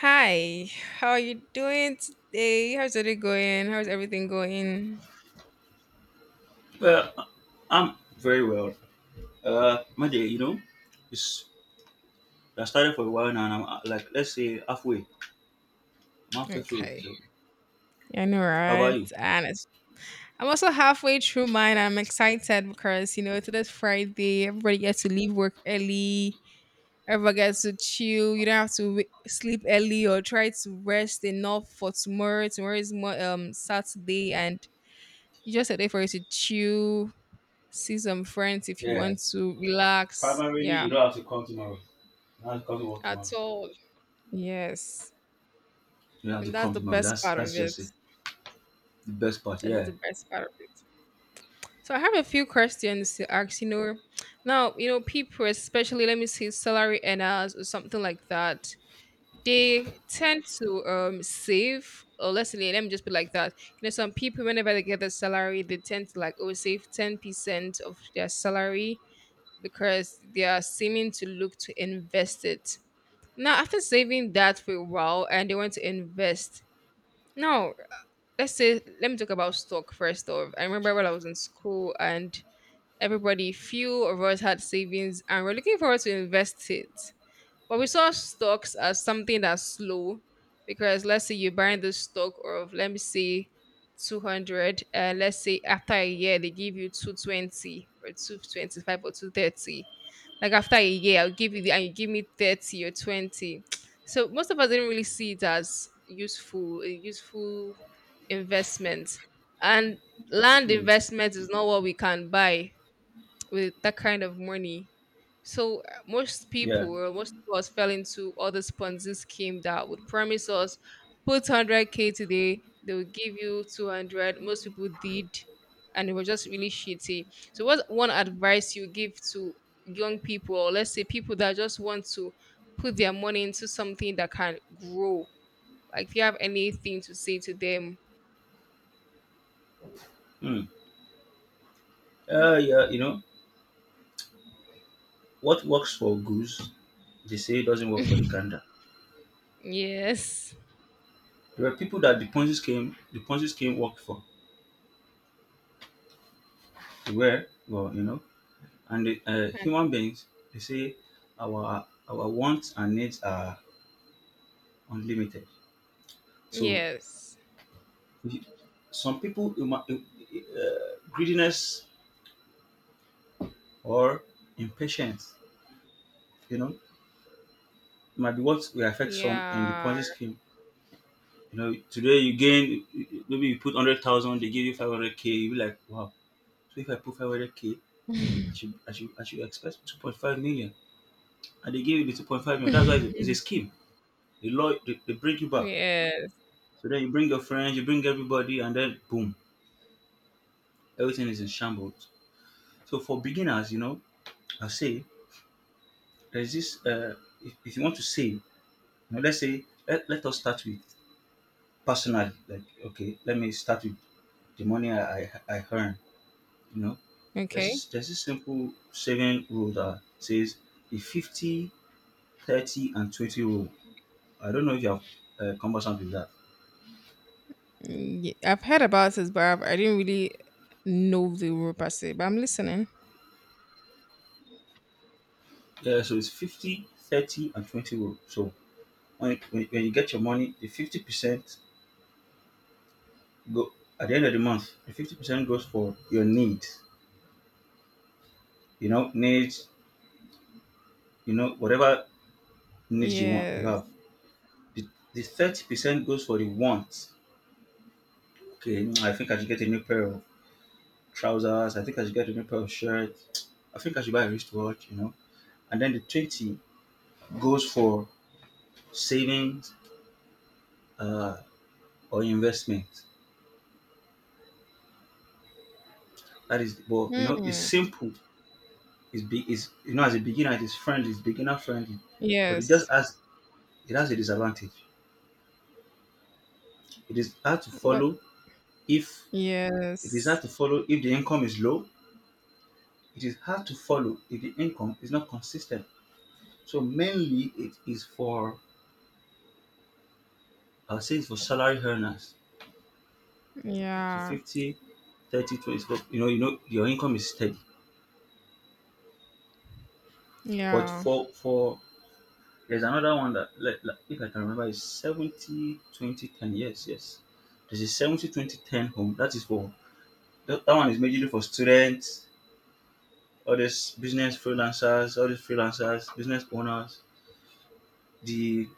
Hi, how are you doing today? How's it going? How's everything going? Well, I'm very well. My day, it's I started for a while now, and I'm like, let's say halfway. I'm halfway through it. Okay. So, Yeah, I know, how about right? you? I'm also halfway through mine. I'm excited because, you know, today's Friday. Everybody gets to leave work early. Everybody gets to chill. You don't have to sleep early or try to rest enough for tomorrow. Tomorrow is more Saturday, and you just a day for you to chill, see some friends if you Yeah, want to relax. primarily you Yeah, don't have to come tomorrow. You don't have to come to work tomorrow. at all. Yes. You don't And have to that's come the tomorrow. best That's part of that's just it. it. The best part, That's yeah. the best part of it. So I have a few questions to ask, you know. Now, you know, people, especially let me say salary earners or something like that, they tend to save or let's say let me just be like that. You know, some people whenever they get their salary, they tend to like oh save 10% of their salary because they are seeming to look to invest it. Now after saving that for a while and they want to invest. Now let's say let me talk about stock first off. I remember when I was in school and everybody few of us had savings and we're looking forward to invest it. But we saw stocks as something that's slow because let's say you're buying this stock of let me say 200, and let's say after a year they give you 220 or 225 or 230. Like after a year I'll give you the and you give me 30 or 20. So most of us didn't really see it as useful, a useful investment. And land Mm, investment is not what we can buy with that kind of money. So most yeah. people, or most of us, fell into all this Ponzi scheme that would promise us put 100k today, they will give you 200. Most people did, and it was just really shitty. So, what one advice you give to young people, or let's say people that just want to put their money into something that can grow? Like, if you have anything to say to them, Mm. Yeah. You know, what works for goose, they say doesn't work for the gander. yes, There were people that the Ponzi scheme worked for. Where, well, you know, and the, human beings, they say our wants and needs are unlimited. So yes, we- some people greediness or impatience, you know, might be what will affect some in the yeah. Ponzi scheme. You know, today you gain maybe you put 100,000, they give you 500 k. You be like, wow. So if I put 500 k, I should expect 2.5 million, and they give you the 2.5 million. That's why it's a, it's a scheme. The law they bring you back. Yes. So then you bring your friends, you bring everybody, and then boom, everything is in shambles. So for beginners, you know, I say there's this. If you want to save, you know, let's say let us start with personally. Like okay, let me start with the money I earn. You know, there's this Okay. there's this simple saving rule that says the 50, 30, and 20 rule. I don't know if you have come with that. I've heard about it, but I didn't really know the rule per se. But I'm listening. Yeah, so it's 50, 30, and 20 rule. So when you get your money, the 50%, go at the end of the month, the 50% goes for your needs, you know, whatever needs you want, you Yes. have. The, the 30% goes for the wants. Okay, I think I should get a new pair of trousers. I think I should get a new pair of shirts. I think I should buy a wristwatch. And then the 20 goes for savings uh, or investment. That is, well, it's Hmm. simple. It's as a beginner, it is friendly, it's beginner friendly, but Yes. It has a disadvantage. It is hard to What? follow if it is Yes. hard to follow if the income is low. It is hard to follow if the income is not consistent. So mainly it is for I'll say it's for salary earners to Yeah. 50, 30, 20. So, you know your income is steady. But Yeah. for there's another one that if I can remember is 70, 20, 10. Yes, yes. There's a 70, 20, 10 home. That is for that, that one is majorly for students, all these freelancers, business owners. The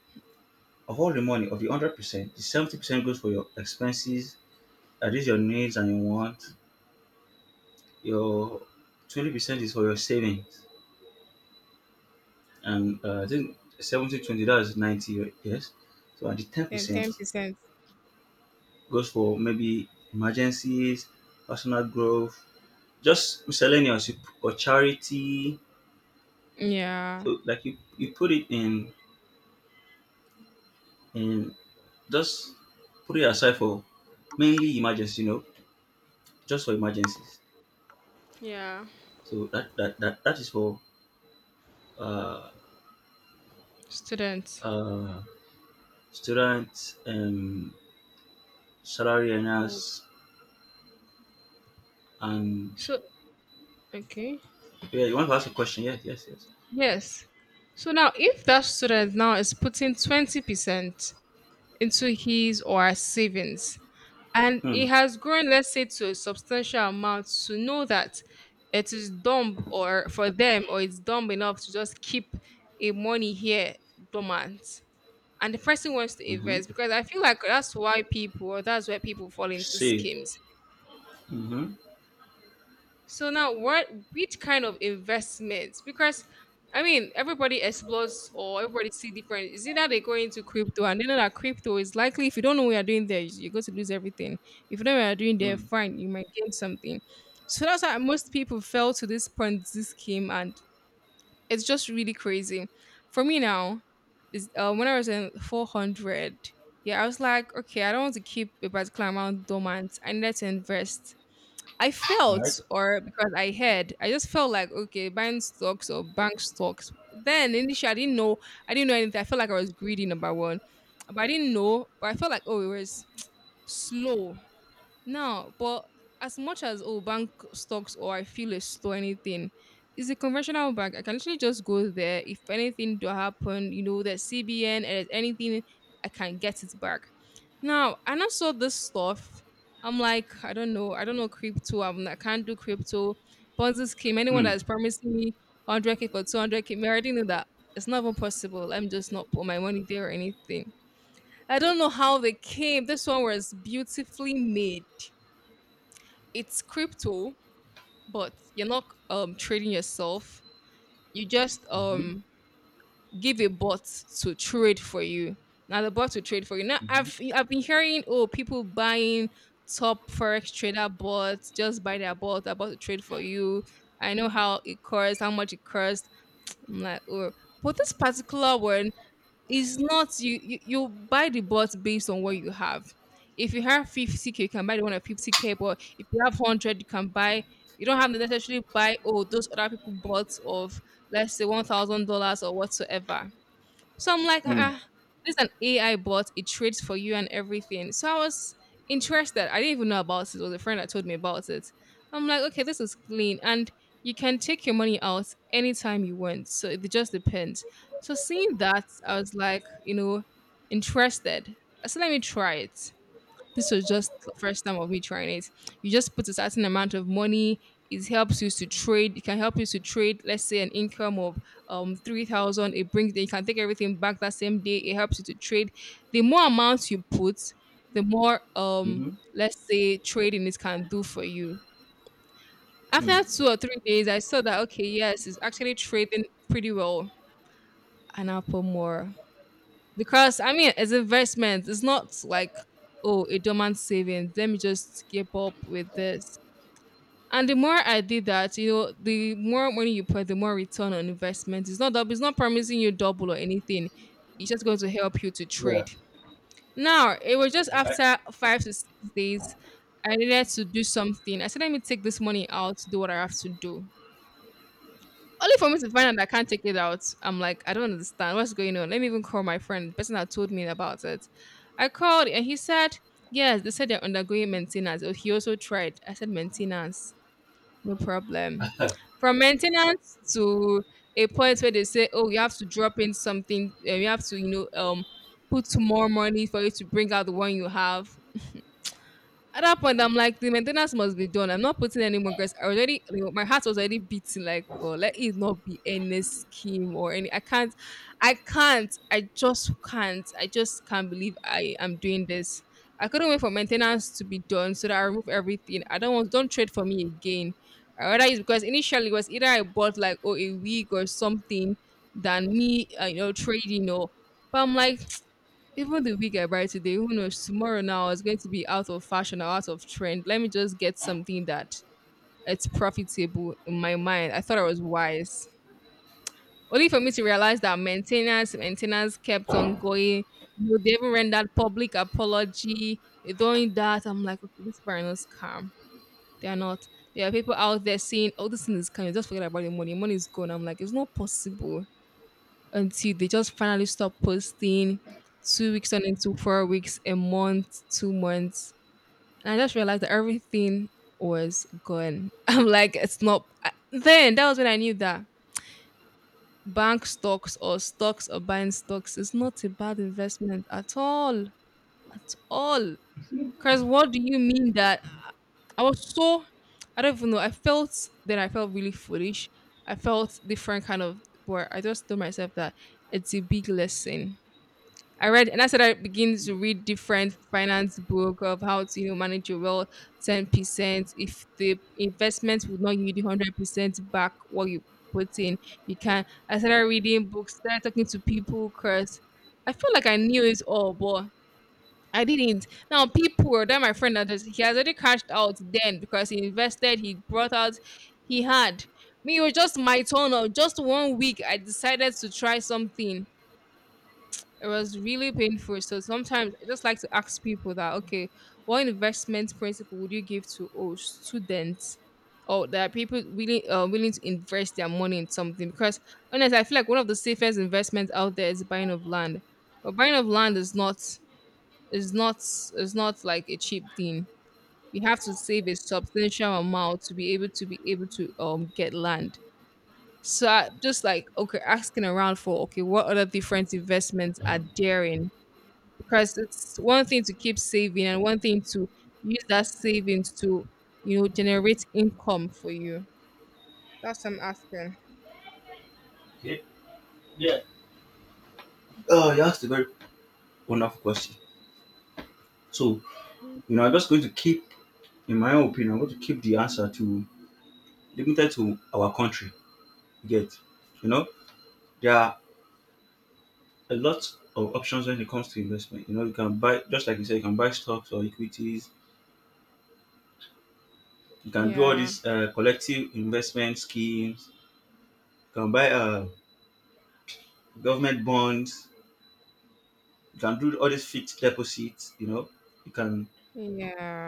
of all the money of the 100%, the 70% goes for your expenses, that is your needs and your wants. Your 20% is for your savings, and I think seventy twenty 20 that's 90, right? Yes. So and the 10 Then percent 10%. goes for maybe emergencies, personal growth, just miscellaneous or charity. Yeah. So like you put it in just put it aside for mainly emergency, just for emergencies. Yeah. So that is for uh, Students. uh, students, salary Oh. earners, and So okay. yeah. You want to ask a question? Yes, yes, yes. Yes. So now, if that student now is putting 20% into his or her savings, and Hmm. it has grown let's say to a substantial amount to know that it is dumb or for them or it's dumb enough to just keep a money here dormant, and the person wants to Mm-hmm. invest, because I feel like that's why people or that's where people fall into Save. schemes. Mm-hmm. So now what, which kind of investments? Because I mean everybody explores or everybody see different. Is it that they go into crypto and they know that crypto is likely if you don't know what you're doing there, you're going to lose everything. If you know what you're doing there, Mm. fine, you might gain something. So that's why most people fell to this Ponzi scheme and it's just really crazy. For me now, is when I was in 400, yeah, I was like, okay, I don't want to keep a particular amount dormant. I needed to invest. I All right. felt, or because I heard, I just felt like okay, buying stocks or bank stocks. Then initially, I didn't know anything. I felt like I was greedy, number one, but I didn't know. But I felt like oh, it was slow. Now, but as much as oh bank stocks or I feel it's slow anything, it's a conventional bank. I can literally just go there. If anything do happen, you know, there's CBN and there's anything, I can get it back. Now, and I saw this stuff. I'm like, I don't know crypto. I can't do crypto. Ponzi scheme. Anyone Hmm. that is promising me 100k for 200k, me I already know that it's not even possible. I'm just not put my money there or anything. I don't know how they came. This one was beautifully made, it's crypto, but you're not trading yourself. You just Mm-hmm. Give a bot to trade for you. Now the bot will trade for you. Now Mm-hmm. I've been hearing oh people buying top forex trader bots, just buy their bot, about to trade for you. I know how it costs, how much it costs. I'm like, oh but this particular one, it's not you, you buy the bot based on what you have. If you have 50k, you can buy the one at 50k, but if you have 100, you can buy you don't have to necessarily buy oh those other people bought of let's say $1,000 or whatsoever. So I'm like, ah, Mm. ah, this is an AI bot. It trades for you and everything. So I was interested. I didn't even know about it. It was a friend that told me about it. I'm like, okay, this is clean. And you can take your money out anytime you want. So it just depends. So seeing that, I was like, you know, interested. So let me try it. This was just the first time of me trying it. You just put a certain amount of money. It helps you to trade. It can help you to trade, let's say, an income of 3,000. It brings you can take everything back that same day. It helps you to trade. The more amounts you put, the more Mm-hmm. let's say trading it can do for you. Mm. After 2 or 3 days, I saw that okay, yes, it's actually trading pretty well. And I'll put more because I mean, it's investment. It's not like oh, a dormant savings. Let me just keep up with this. And the more I did that, you know, the more money you put, the more return on investment. It's not dou- it's not promising you double or anything. It's just going to help you to Yeah. trade. Now it was just All right. after 5 to 6 days, I needed to do something. I said, let me take this money out to do what I have to do. Only for me to find out that I can't take it out. I'm like, I don't understand what's going on. Let me even call my friend, the person that told me about it. I called and he said, yes, they said they're undergoing maintenance. Oh, he also tried. I said, maintenance, no problem. From maintenance to a point where they say, oh, you have to drop in something, you have to, you know, put more money for you to bring out the one you have. At that point, I'm like, the maintenance must be done. I'm not putting any more guys. I already, like, my heart was already beating. Like, oh, let it not be any scheme or any. I can't, I can't. I just can't. I just can't believe I am doing this. I couldn't wait for maintenance to be done so that I remove everything. I don't want. Don't trade for me again. I rather use because initially it was either I bought like oh a wig or something than me, you know, trading or. But I'm like, even the week I buy today, who knows, tomorrow now is going to be out of fashion or out of trend. Let me just get something that it's profitable. In my mind, I thought I was wise. Only for me to realize that maintenance kept on going. You know, they even rendered public apology. They're doing that. I'm like, okay, this parent is calm. They are not. There are people out there saying, oh, this thing is coming. Just forget about the money. Money is gone. I'm like, it's not possible until they just finally stop posting 2 weeks on into 4 weeks, a month, 2 months. And I just realized that everything was gone. I'm like, it's not. Then that was when I knew that bank stocks or stocks or buying stocks is not a bad investment at all. At all. Because what do you mean that I was so, I don't even know, I felt, then I felt really foolish. I felt different kind of, but I just told myself that it's a big lesson. I read, and I said I begin to read different finance book of how to you know, manage your wealth 10%. If the investment would not yield you 100% back what you put in, you can. I started reading books, started talking to people, cause I feel like I knew it all, but I didn't. Now people, or that my friend that just he has already cashed out then because he invested, he brought out, he had. Me, it was just my turn of just 1 week. I decided to try something. It was really painful. So sometimes I just like to ask people that, okay, what investment principle would you give to students? Or there are people willing to invest their money in something because honestly, I feel like one of the safest investments out there is buying of land. But buying of land is not like a cheap thing. You have to save a substantial amount to be able to get land. So I, just like okay, asking around for okay, what other different investments are there in? Because it's one thing to keep saving and one thing to use that savings to generate income for you. That's what I'm asking. Yeah, yeah. Oh, you asked a very wonderful question. So I'm just going to in my own opinion, I'm going to keep the answer to limited to our country. You get, you know, there are a lot of options when it comes to investment. You know, you can buy, just like you said, you can buy stocks or equities. You can do all Yeah, these collective investment schemes. You can buy government bonds. You can do all these fixed deposits. You know, you can.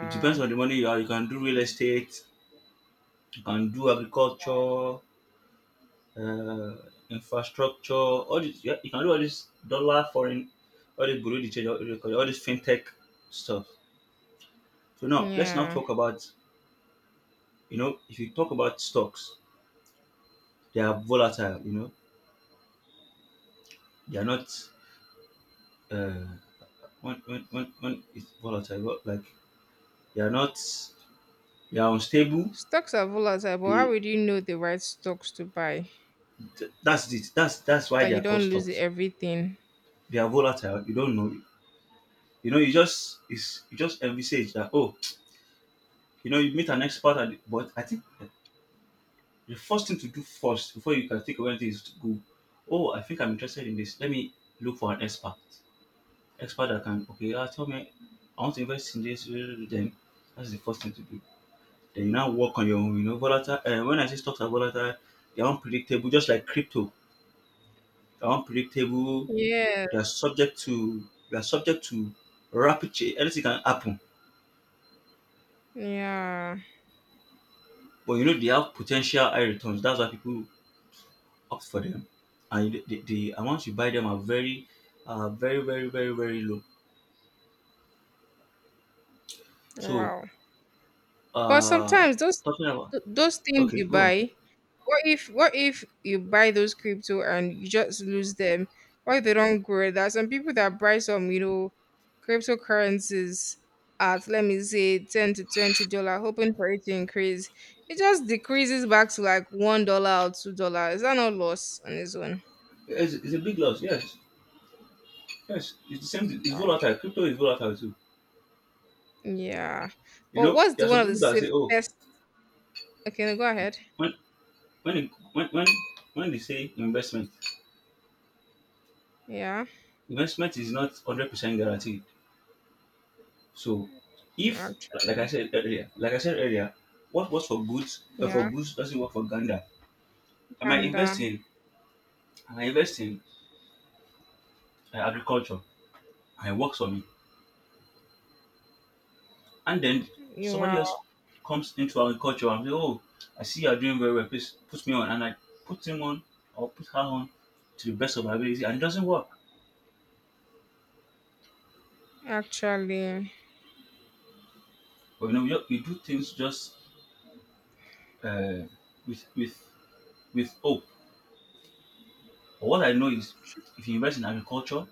It depends on the money you have. You can do real estate. You can do agriculture, uh, infrastructure. All this. Yeah, you can do all this dollar foreign, all this Bureau de change, all this fintech stuff. So now let's now yeah. talk about, if you talk about stocks. They are volatile, you know. They are not uh, when it's volatile, like they are not they are unstable. Stocks are volatile, but how They would you know the right stocks to buy that's it. That's why that they you are called don't lose stocks. everything? They are volatile. You don't know. You know, you just envisage that oh, you meet an expert, but I think the first thing to do first before you can think of anything is to go, oh, I think I'm interested in this. Let me look for an expert that can okay, tell me, I want to invest in this. Then that's the first thing to do. They now work on your own, you know. Volatile, when I say stocks are volatile, they're unpredictable, just like crypto. They're unpredictable. They're Yes. subject to they're subject to rapid change. Anything can happen, Yeah. but you know they have potential high returns. That's why people opt for them, and the amounts you buy them are very, very, very, very, very low. So, Wow. But uh, sometimes those talking about those things okay, you go on. buy, what if you buy those crypto and you just lose them? What if they don't grow? There are some people that buy some, you know, cryptocurrencies at, let me say, $10 to $20, hoping for it to increase. It just decreases back to like $1 or $2. Is that not loss on its own? It's a big loss. Yes, yes. It's the same. It's Wow. volatile. Crypto is volatile too. Yeah. You But know, what's there the are one some of the people that say, oh, safest, okay, no, go ahead. when when it, when they say investment, Yeah, investment is not 100% guaranteed. So if like I actually. said earlier, what works Yeah, for goods doesn't work for Ganda. I might and invest in I might invest in agriculture and it works for me, and then you somebody are. else comes into agriculture and say, oh, I see you're doing very well. Please put me on, and I put him on or put her on to the best of my ability, and it doesn't work. Actually. But you know, we do things just uh, with with hope. But what I know is if you invest in agriculture,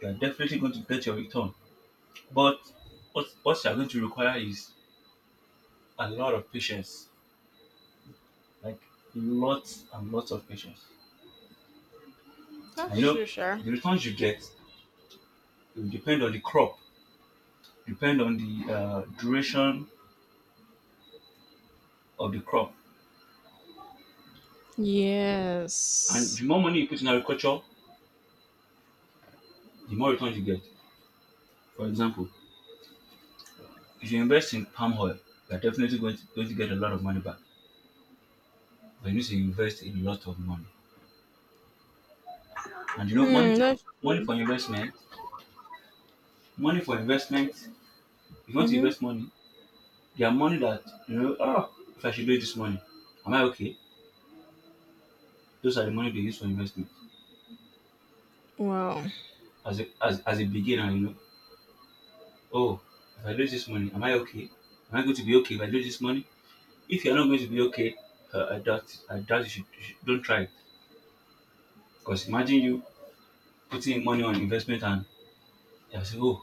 you are definitely going to get your return. But what you are going to require is a lot of patience. Like lots and lots of patience. And you That's know, true, sure. the returns you get it will depend on the crop, depend on the duration of the crop. And the Yes. more money you put in agriculture, the more returns you get. For example, if you invest in palm oil, you are definitely going to get a lot of money back. But you need to invest a lot of money. And you know, Hmm. That's money true. for investment money for investment if you want to Mm-hmm. invest money, there are money that you know oh if I should do it this morning, am I okay? Those are the money they use for investment. Wow. As a beginner, you know, oh, if I do this money, am I okay? Am I going to be okay if I do this money? If you're not going to be okay, I doubt it. I doubt you should don't try it, because imagine you putting money on investment and you say, oh,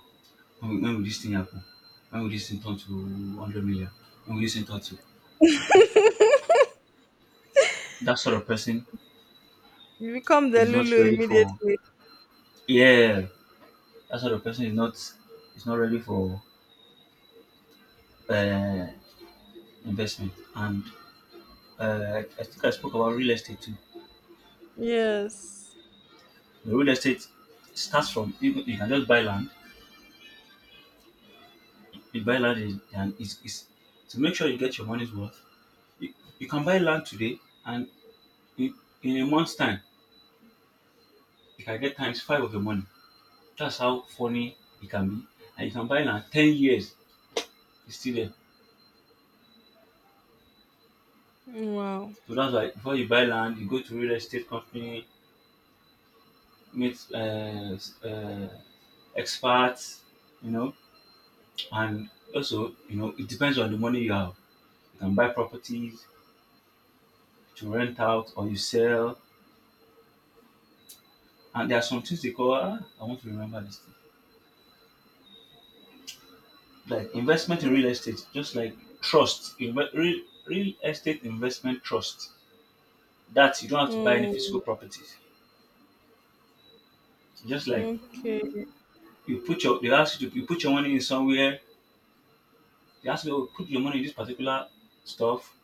when will this thing happen? When will this thing turn to 100 million? When will this thing turn to, that sort of person You become the is not Lulu ready for, immediately. yeah. That sort of person is not ready for uh, investment. And I think I spoke about real estate too. Yes. The real estate starts from you, you can just buy land. You buy land is, and is, is to make sure you get your money's worth. You can buy land today and in, in a month's time you can get times five of your money. That's how funny it can be. And you can buy land 10 years, it's still there. Wow. So that's why before you buy land, you go to real estate company, meet uh, expats, you know, and also, it depends on the money you have. You can buy properties to rent out or you sell. And there are some things they call, I want to remember this thing. Like investment in real estate, just like real estate investment trust. That you don't have to buy any physical Oh. properties. Just like Okay. They ask you to, you put your money in somewhere. They ask you, oh, put your money in this particular stuff.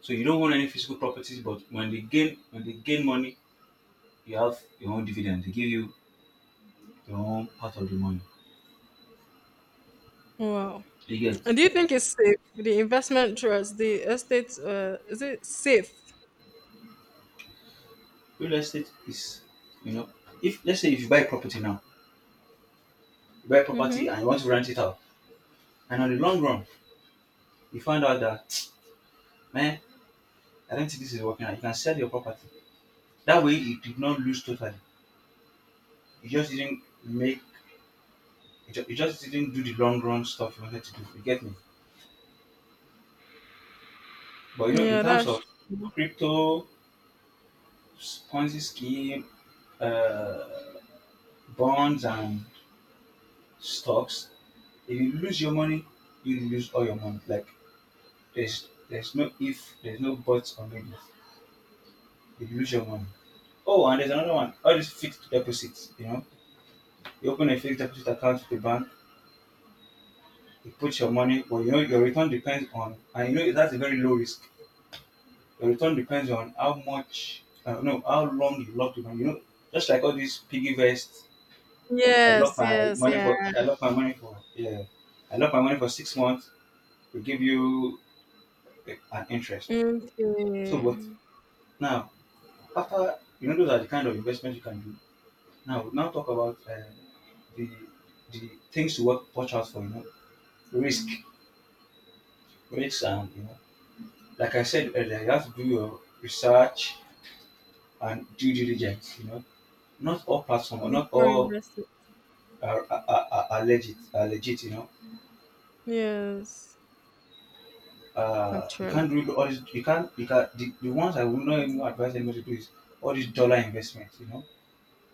So you don't own any physical properties, but when they gain money, you have your own dividend. They give you your own part of the money. Wow. You get And do you think it's safe? The investment trust, the estate. Is it safe? real estate is you know if let's say if you buy property now, you buy property Mm-hmm. and you want to rent it out, and on the long run you find out that man, I don't think this is working out. You can sell your property. That way you did not lose totally. You just didn't make you just didn't do the long run stuff you wanted to do. You get me? But in Yeah. terms That's. of crypto, Ponzi scheme, uh bonds and stocks. If you lose your money, you lose all your money. Like there's no if, there's no buts or maybe. You lose your money. Oh, and there's another one. All these fixed deposits. You know, you open a fixed deposit account with the bank. You put your money, but you know your return depends on, and you know that's a very low risk. Your return depends on how much, no, how long you lock the money. You know, just like all these piggy vests. I lock Yes. my Yes. money Yeah. for, I lock my money for, yeah, I lock my money for 6 months. They give you an interest. So, but Okay. now, after those are the kind of investments you can do. Now talk about the the things to watch out for. You know, risk, risks, and you know, like I said earlier, you have to do your research and due diligence. You know, not all platforms, or not Before all investing. are, are legit. Are legit. You know, Yes. You can't Actually. do all this. You can't. You can the ones I would not even advise anybody to do is all these dollar investments. You know,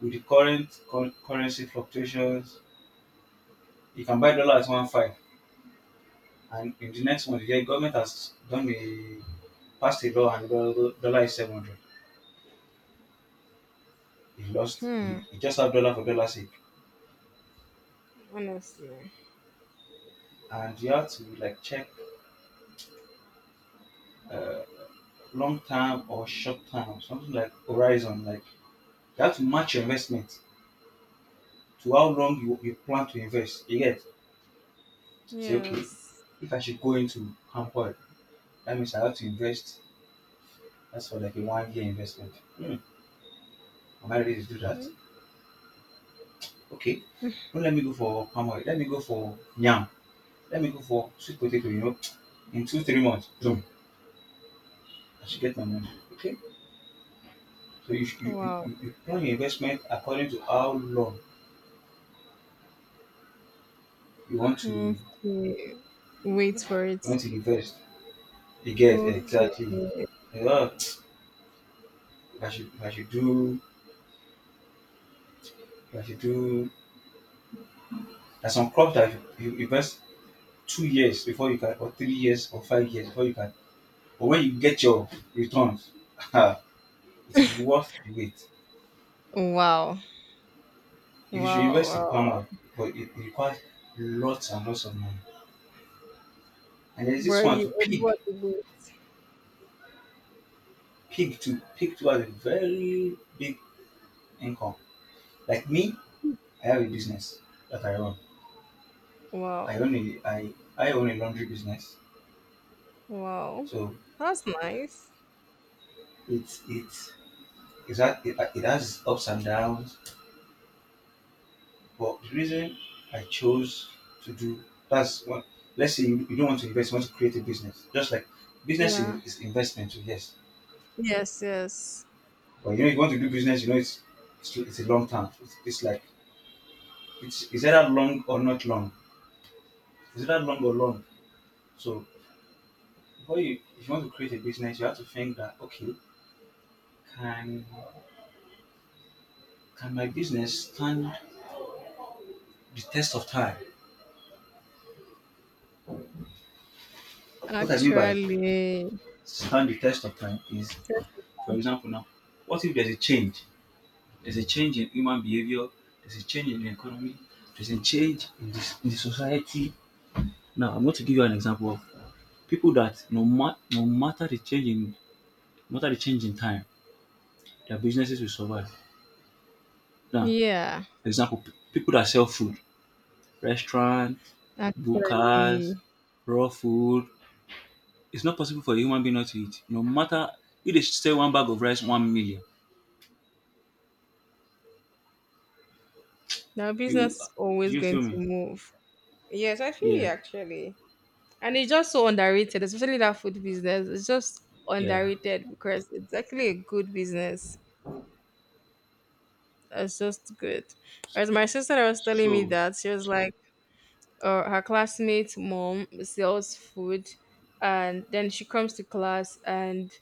with the current currency fluctuations you can buy dollar at 1 5 and in the next month the government has done a passed a law and dollar is 700. Hmm. You just have dollar for dollar sake. Honestly. And you have to like check uh, long term or short term, something like horizon, like you have to match your investment to how long you plan to invest. You get say okay, Yes. if I should go into palm oil, that means I have to invest that's for like a 1 year investment. Hmm, am I ready to do that? Hmm? Okay. Don't let me go for palm oil. Let me go for yam. Let me go for sweet potato, you know. In two, 3 months, boom, I should get my money. Okay. So Wow. You plan your investment according to how long you Okay. Wait for it. want to invest. You get Okay. exactly. Yeah. I should, if I should do, if I should do. There's some crops that you invest 2 years before you can, or 3 years, or 5 years before you can. But when you get your returns, it is worth the wait. Wow. If you should Wow. invest in Wow. palm oil, but it requires lots and lots of money. And there's this Were one you to at what weight? pig to pig too has a very big income. Like me, I have a business that I run. Wow. I own a laundry business, Wow. so That's nice. it's it has ups and downs. But the reason I chose to do that's what let's say you don't want to invest, you want to create a business. Just like business Yeah. Is investment, too, yes. Yes, yes. But you know, if you want to do business, you know it's a long term. It's like it's either long or not long. It's either long or long. So before you if you want to create a business, you have to think that okay, can can my business stand the test of time? What I mean by Actually. stand the test of time is, Yes. for example, now what if there's a change? There's a change in human behavior. There's a change in the economy. There's a change in, this, in the society. Now I'm going to give you an example of people that no matter the change in no matter the change in time? Their businesses will survive. Now, Yeah. for example, people that sell food, restaurants, bukas, Actually. raw food. It's not possible for a human being not to eat. No matter if they sell one bag of rice, 1 million. Now You, business is do always you going feel to me? move. Yes, I feel you Yeah, actually. And it's just so underrated, especially that food business. It's just yeah. underrated because it's actually a good business. It's just good. Whereas my sister was telling me So, that she was like, her classmate's mom sells food, and then she comes to class and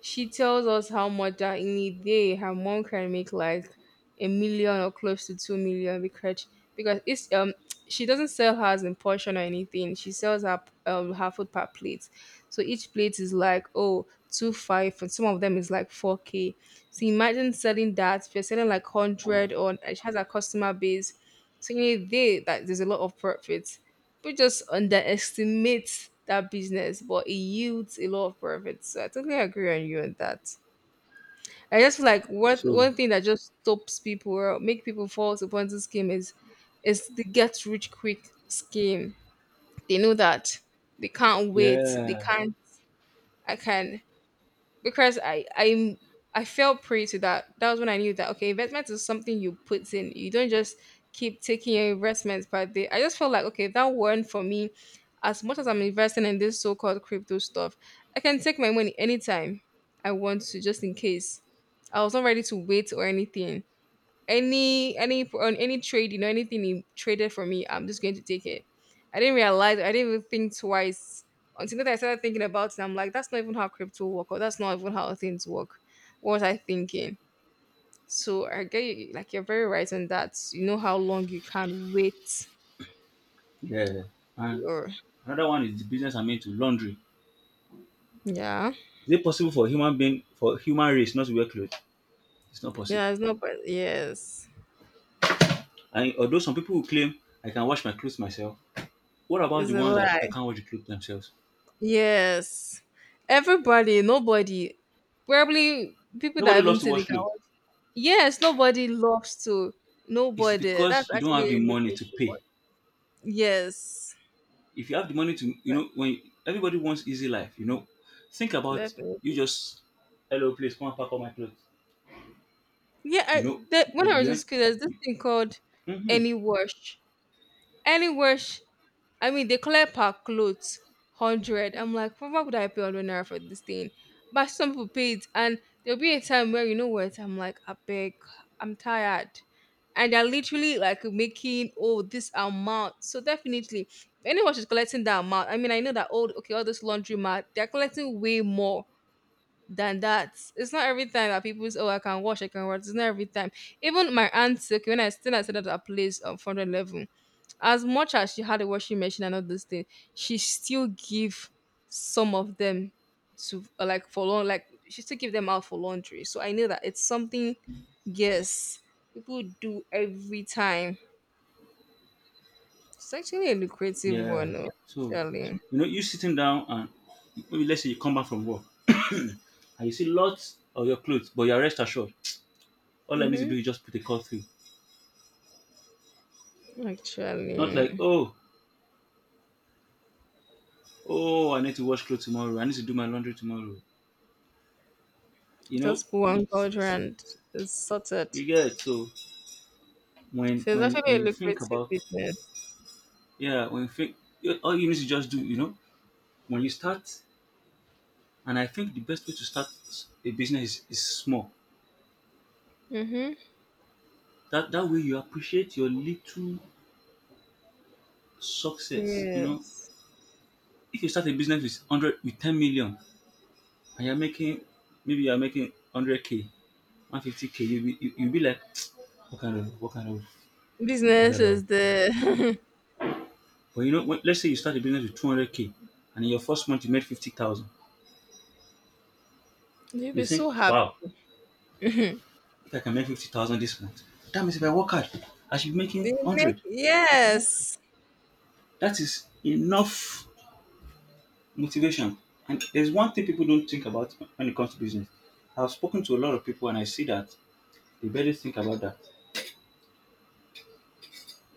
she tells us how much that in a day her mom can make like 1 million or close to 2 million, because it's she doesn't sell hers in portion or anything. She sells her food per plate. So each plate is like oh two five, and some of them is like four K. So imagine selling that, if you're selling like hundred, or she has a customer base. So in a day that there's a lot of profits. People just underestimate that business, but it yields a lot of profit. So I totally agree on you on that. I just feel like one so one thing that just stops people or make people fall to Ponzi scheme is the get rich quick scheme. They know that they can't wait. They yeah, can't. I can, because I fell prey to that. That was when I knew that, okay, investment is something you put in. You don't just keep taking your investments per day. I just felt like, okay, if that weren't for me, as much as I'm investing in this so-called crypto stuff, I can take my money anytime I want to, just in case. I was not ready to wait or anything. Any On any trade, anything he traded for me, I'm just going to take it. I didn't realize, I didn't even think twice. Until that, I started thinking about it. I'm like, that's not even how crypto work, or that's not even how things work. What was I thinking? So I get you. Like, you're very right on that. You know how long you can wait. yeah. And Or. another one is the business I made to laundry. Yeah. Is it possible for human being for human race not to wear clothes? It's not possible. Yeah, it's not, but yes. And although some people will claim I can wash my clothes myself, what about It's the a ones that, lie. Can't wash the clothes themselves? Yes. Everybody. Nobody. Probably people Nobody that loves even to say they wash can. clothes. Yes, nobody loves to. It's Nobody. That's because you don't actually have the a money to lucrative one. pay. Yes, If you have the money to, you that. know, when everybody wants easy life, you know, think about you Definitely. just, hello, please come and pack up my clothes. Yeah, You I, know, the, when I was in you, school, there's this thing called mm-hmm, Any Wash. Any Wash. I mean, they collect per clothes, 100. I'm like, "Well, why would I pay 100 naira for this thing?" But some people pay it, and there'll be a time where, you know what, I'm like, I beg, I'm tired, and they're literally like making, oh, this amount. So definitely, if anyone is collecting that amount, I mean, I know that, old okay, all this laundromat, they're collecting way more than that. It's not every time that people say, oh, I can wash, I can wash. It's not every time. Even my auntie, okay, when I still I said at that place of 400 level, as much as she had a washing machine and all those things, she still give some of them to, like, for long, like she still give them out for laundry. So I know that it's something, yes, people do every time. It's actually a lucrative yeah. one, oh, So, actually. you know, you sitting down and maybe let's say you come back from work and you see lots of your clothes, but you're rest assured. All I need to Mm-hmm. do is just put a call through. Not like, Actually. Oh, I need to wash clothes tomorrow. I need to do my laundry tomorrow. you know Just put one culture, it's and it's sorted. you get it. So So it's when actually a you think lucrative about business. yeah when you think all you need to just do you know when you start and I think the best way to start a business is small, Mm-hmm. that that way you appreciate your little success. You know, Yes. if you start a business with 100 with 10 million and you're making maybe you're making 100k 150k you, you'll be like what kind of what kind of what Business kind of. is the. But you know when, let's say you start a business with 200k and in your first month you made 50,000. You'll You be think, so happy. wow, if I can make 50,000 this month, that means if I work hard, I should be making They make, 100. If I work hard, yes. that is enough motivation. And there's one thing people don't think about when it comes to business. I've spoken to a lot of people and I see that they barely think about that.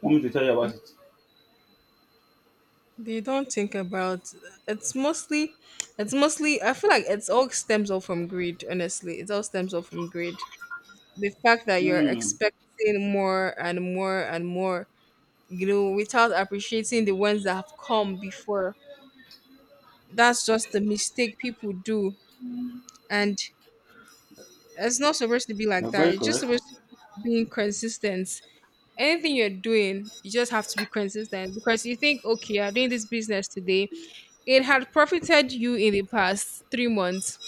Want me to tell you about it? They don't think about, it's mostly it's mostly I feel like it's all stems off from greed, honestly. It all stems off from greed. The fact that you're Hmm, expecting more and more and more, you know, without appreciating the ones that have come before. That's just the mistake people do. And it's not supposed to be like you're that. very It's just correct. supposed to be being consistent. Anything you're doing, you just have to be consistent, because you think, okay, I'm doing this business today. It had profited you in the past 3 months.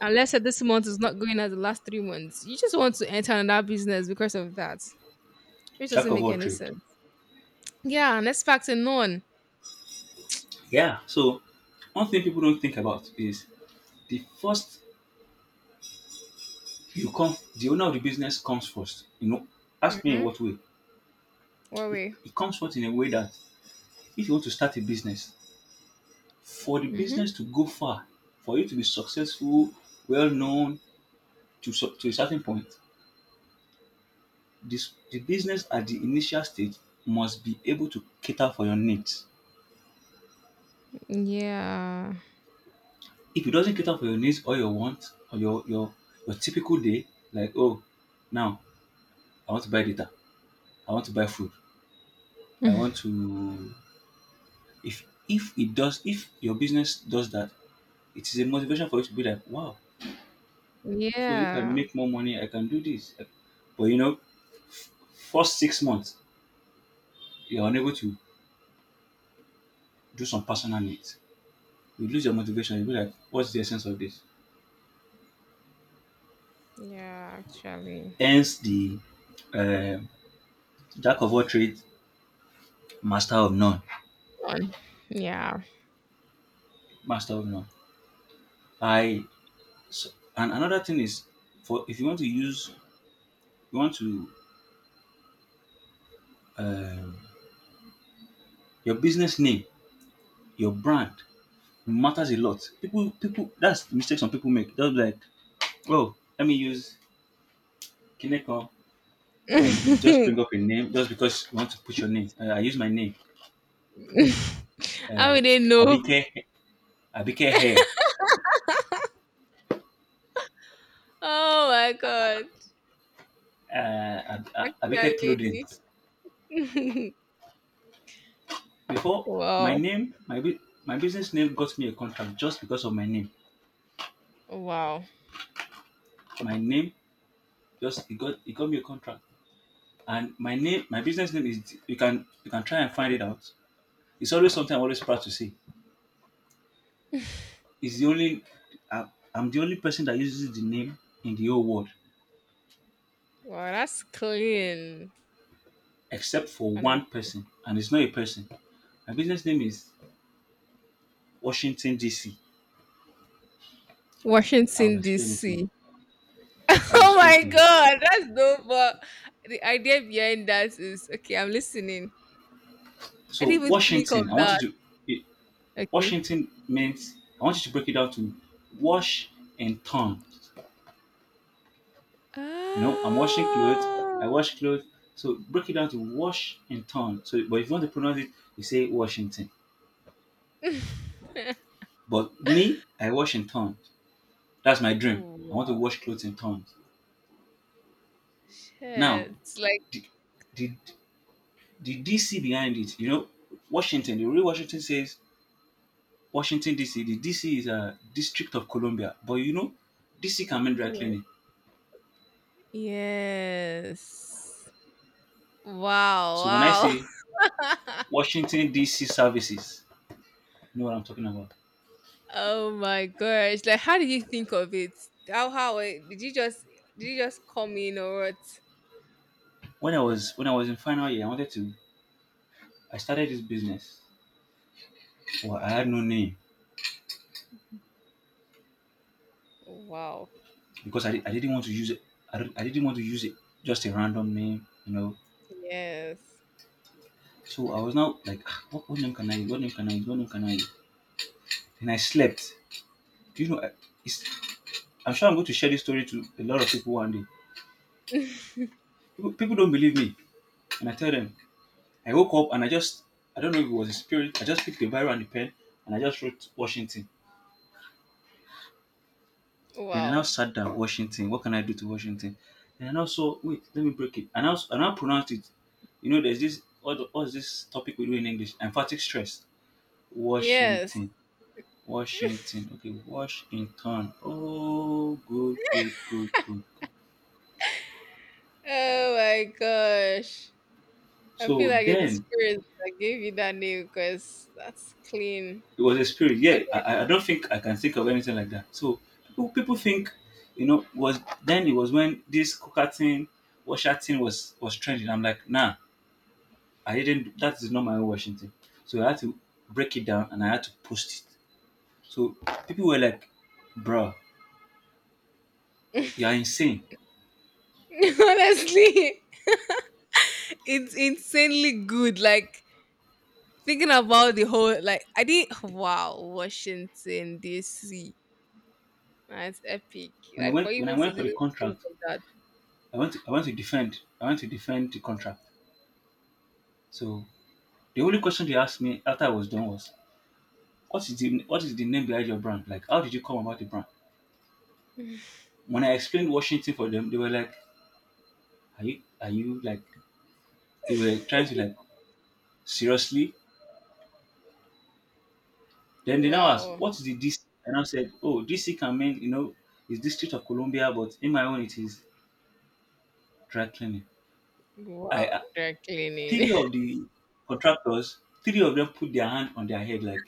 And let's say this month is not going as the last 3 months. You just want to enter another business because of that, which Jack doesn't of make all any trade. sense. Yeah, and that's factor none. Yeah. So one thing people don't think about is the first you come the owner of the business comes first. You know, ask me in Mm-hmm. what way. What way? It comes first in a way that if you want to start a business, for the Mm-hmm. business to go far, for you to be well known to, to a certain point, the business at the initial stage must be able to cater for your needs. Yeah. If it doesn't cater for your needs or your wants or your typical day, like, oh, now I want to buy data, I want to buy food, I want to. If it does, if your business does that, it is a motivation for you to be like, wow, so if I Yeah. make more money, I can do this. But you know, first 6 months, you're unable to do some personal needs. You lose your motivation. You'll be like, what's the essence of this? Yeah, actually. Hence the uh, jack of all trades, master of none. None. Yeah. Master of none. I so, and another thing is for if you want to use you want to um, your business name, your brand matters a lot. People, that's the mistake some people make. They'll be like, oh, let me use Kineko. I you just bring up a name just because you want to put your name. I use my name How uh, we didn't know? Abike, Abike Hair, Oh my god. Abike Clothing. Actually. Before my Wow. name, my business name got me a contract just because of my name. Wow. My name just it got me a contract, and my name, my business name is you can try and find it out. It's always something I'm always proud to say. It's the only i I'm the only person that uses the name in the whole world, Wow, that's clean. except for one Honest-. person, and it's not a person. My business name is Washington DC. I'll Washington explain it to you. DC. I'll Oh explain my to you. god, that's dope. But the idea behind that is, okay, I'm listening. I So didn't even think of Washington, I want you that. to Okay. Washington means I want you to break it down to wash and turn. You know, I'm washing clothes, I Oh. wash clothes. So break it down to wash and turn. So but if you want to pronounce it, you say Washington. But me, I wash and turn. That's my dream. I want to Wow. wash clothes and turn. Now, Shit. It's like. the the, the DC behind it, you know, Washington, the real Washington says Washington DC. The DC is a district of Columbia. But you know, DC can mean dry Yes. cleaning. Yes. Wow, So when I wow. say Washington DC services, you know what I'm talking about. Oh my gosh! Like, how did you think of it? How did you just come in or what? When I was in final year, I wanted to I started this business. Well, I had no Wow! name Wow! because I didn't want to use it. I didn't want to use it, just a random name. Yes! So I was now like, "Ah, what name can I use? What name can I use? What name can I use?" And I slept. Do you know? It's, I'm sure I'm going to share this story to a lot of people one day. People don't believe me, and I tell them. I woke up and I don't know if it was a spirit. I just picked the Bible and the pen, and I just wrote Washington. Then I now Wow! sat down. Washington. What can I do to Washington? And I now saw, wait, let me break it. And I now pronounced it. You know, there's this, what's this topic we do in English? Emphatic stress. Yes! Washington. Washington. Okay, Washington. Oh, good, good, good, good, good. Oh my gosh! I feel So like it's the then spirit that gave you that name, because that's clean. it was a spirit. Yeah, I don't think I can think of anything like that. So people think, was then it was when this Coca thing, Washer thing was trending. I'm like, nah, I didn't. That is not my own Washington. So I had to break it down and I had to post it. So people were like, "Bro, you are insane." Honestly, it's insanely good. Like, thinking about the whole, like, I didn't. Wow, Washington D.C. That's epic. When I Like, for went you when I to went for even the think contract, of that. I went to defend the contract. So the only question they asked me after I was done was, "What is the name behind your brand? Like, how did you come about the brand?" When I explained Washington for them, they were like, "Are you like?" They were trying to, like, seriously. Then they now asked, Wow. what is the DC? And I said, oh, DC can mean, you know, is District of Columbia, but in my own, it is dry cleaning. I, Wow. I- Dry Three cleaning. of the contractors, three of them put their hand on their head like,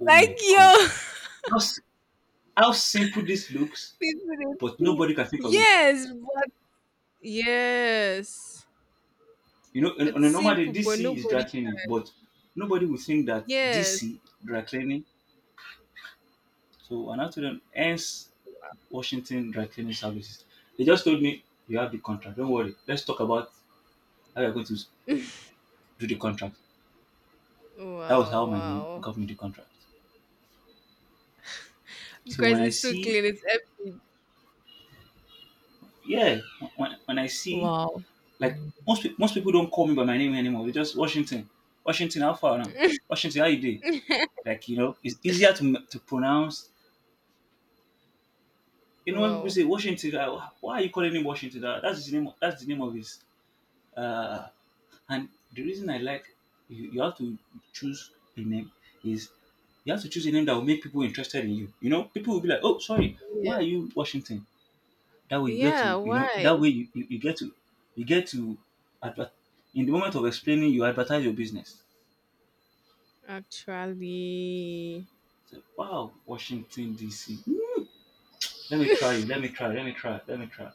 oh my Like, God. yo. How, s- how simple this looks, People, but they think. nobody can think of it. Yes, but yes. You know, on It's a normal day, simple, but DC is dry nobody. cleaning, but nobody would think that Yes. DC, dry cleaning. So, and I told them, hence Washington Dry Cleaning Services. They just told me, you have the contract, don't worry, let's talk about how you're going to do the contract. That was how Wow, my name wow. got me the contract. So Because when I it's too see, clean, it's epic. yeah, when I see, Wow. like most people don't call me by my name anymore. They just Washington, Washington, how far now? Washington, how you do? Like, you know, it's easier to pronounce. You know when people Wow. say Washington, like, why are you calling him Washington? That's his name. That's the name of his, uh, and the reason I like, you have to choose a name, is you have to choose a name that will make people interested in you. You know, people will be like, "Oh, sorry, why are Yes. you Washington?" That way you get Yeah, to, you know, why? that way you get to, you get to, adver- in the moment of explaining, you advertise your business. Actually. So, wow, Washington DC. Hmm, let me try you. Let me try. Let me try. Let me try.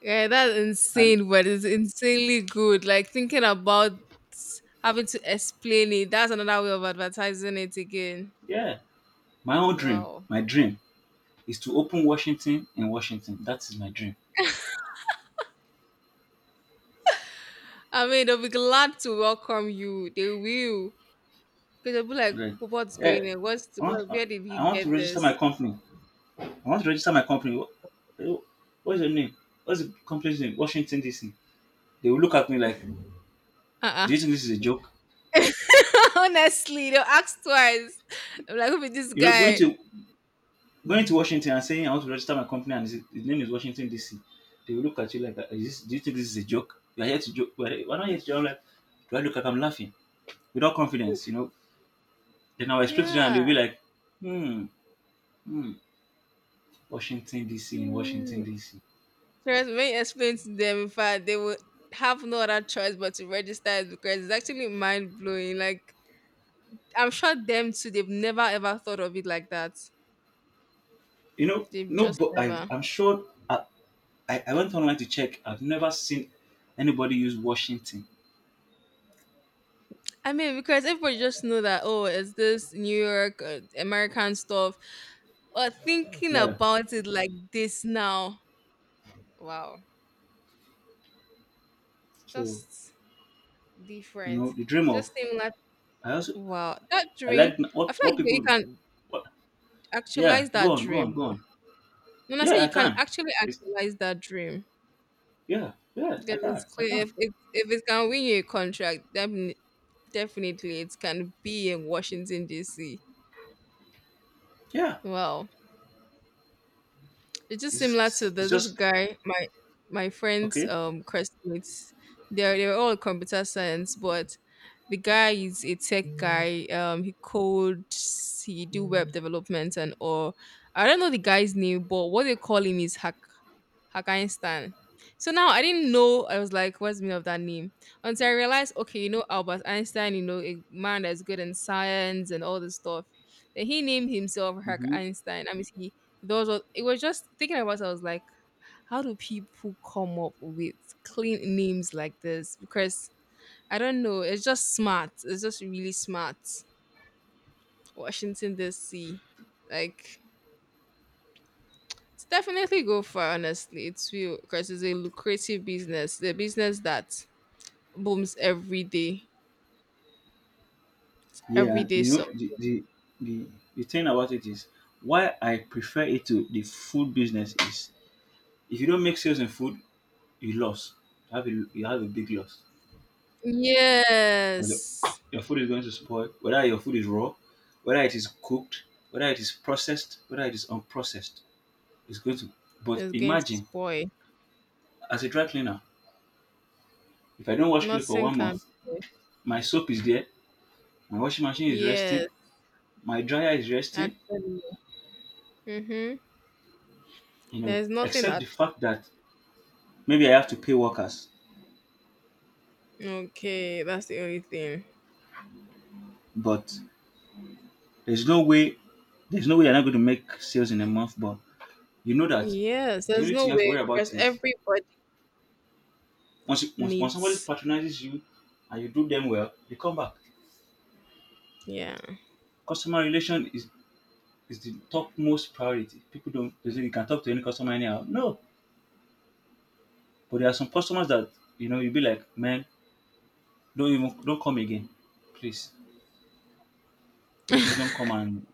Yeah, that's And insane, but it's insanely good. Like, thinking about having to explain it, that's another way of advertising it again. yeah, my own dream, Wow. my dream is to open Washington in Washington. That is my dream. I mean, they'll be glad to welcome you. They will. Because they'll be like, Right. what's Yeah, going on? What's I the, want where did I he want to get register my this? company. I want to register my company. What's your name? What's the company's name? Washington DC. They will look at me like, Uh-uh. do you think this is a joke? Honestly, they'll ask twice. I'm like, "Who's this You know, going guy?" to going to Washington and saying I want to register my company, and his name is Washington DC. They will look at you like, "Is this, do you think this is a joke? You are here to joke. Why are not here to joke?" I'm like, do I look like I'm laughing without confidence? You know. Then I'll explain to them and they'll Yeah. be like, hmm, hmm, Washington DC in Washington Hmm. DC. Trust me, explain to them, in fact, they will have no other choice but to register it, because it's actually mind blowing. Like, I'm sure them too, they've never ever thought of it like that. You know, They've no, just but I never. I'm sure I went online to check. I've never seen anybody use Washington. I mean, because everybody just know that, oh, it's this New York, American stuff. Or thinking Yeah. about it like this now, wow, it's So just you different. know the dream of, Just seem like, I also, wow, that I like dream. I what feel what like you people, can what? Yeah, actualize go that on, go on, dream. go Oh. on. When I say Yeah, I you can can, actually it's, actualize that dream, yeah, yeah, I because it's can I clear, can if it can win you a contract, then definitely, it can be in Washington D.C. Yeah, Wow, it's just it's similar to it's, it's there's this just, guy, my, friends, okay. Classmates. They're all computer science, but the guy is a tech guy. He codes, he do web development and all. I don't know the guy's name, but what they call him is Hacker. Einstein. So now I didn't know. I was like, what's the meaning of that name? Until I realized, okay, you know, Albert Einstein, you know, a man that's good in science and all this stuff. Then he named himself Hack Mm-hmm. Einstein. I mean, he, those was, it was just thinking about it. I was like, how do people come up with clean names like this? Because I don't know. It's just smart. It's just really smart. Washington, D.C. Like, it's definitely go far, honestly. It will, because it's a lucrative business. The business that booms every day. Yeah, Every and day, you so, know the the thing about it is, why I prefer it to the food business is, if you don't make sales in food, you lost. you have a you have a big loss. 'Cause your yes. your food is going to spoil, whether your food is raw, whether it is cooked, whether it is processed, whether it is unprocessed, it's going to. But It's going to imagine, spoil. as a dry cleaner, if I don't wash clothes for Nothing one can. month, my soap is there, my washing machine is resting, Yes, my dryer is resting, actually. Mm-hmm. you know, There's nothing except the that. fact that maybe I have to pay workers. Okay, that's the only thing. But there's no way, there's no way you're not going to make sales in a month. But you know that Yes, the there's only thing no you have to way worry about because is, everybody once somebody needs, patronizes you and you do them well, they come back. yeah. Customer relation is the topmost priority. People don't, they say you can talk to any customer anyhow. No, but there are some customers that, you know, you'll be like, man, don't come again, please, please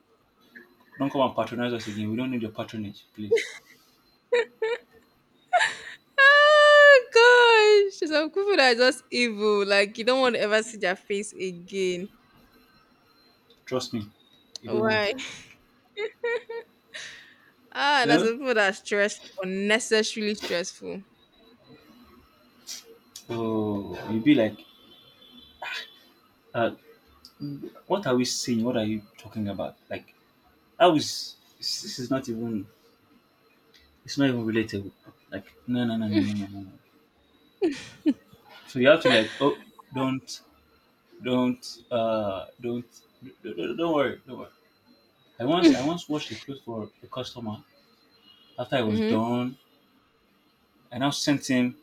don't come and patronize us again. We don't need your patronage, please. Oh gosh, some people that are just evil. Like you don't want to ever see their face again. Trust me, you don't want Why? to. Ah, You that's know? the people that are stressed, unnecessarily stressful. Oh, you'll be like, uh, what are we saying? What are you talking about? Like, I was this is not even it's not even relatable. Like, no, no, no, no, no, no, no, no. So you have to, like, oh, don't Don't uh don't don't worry, don't worry. I once washed a clothes for a customer. After I was Mm-hmm. done, I now sent him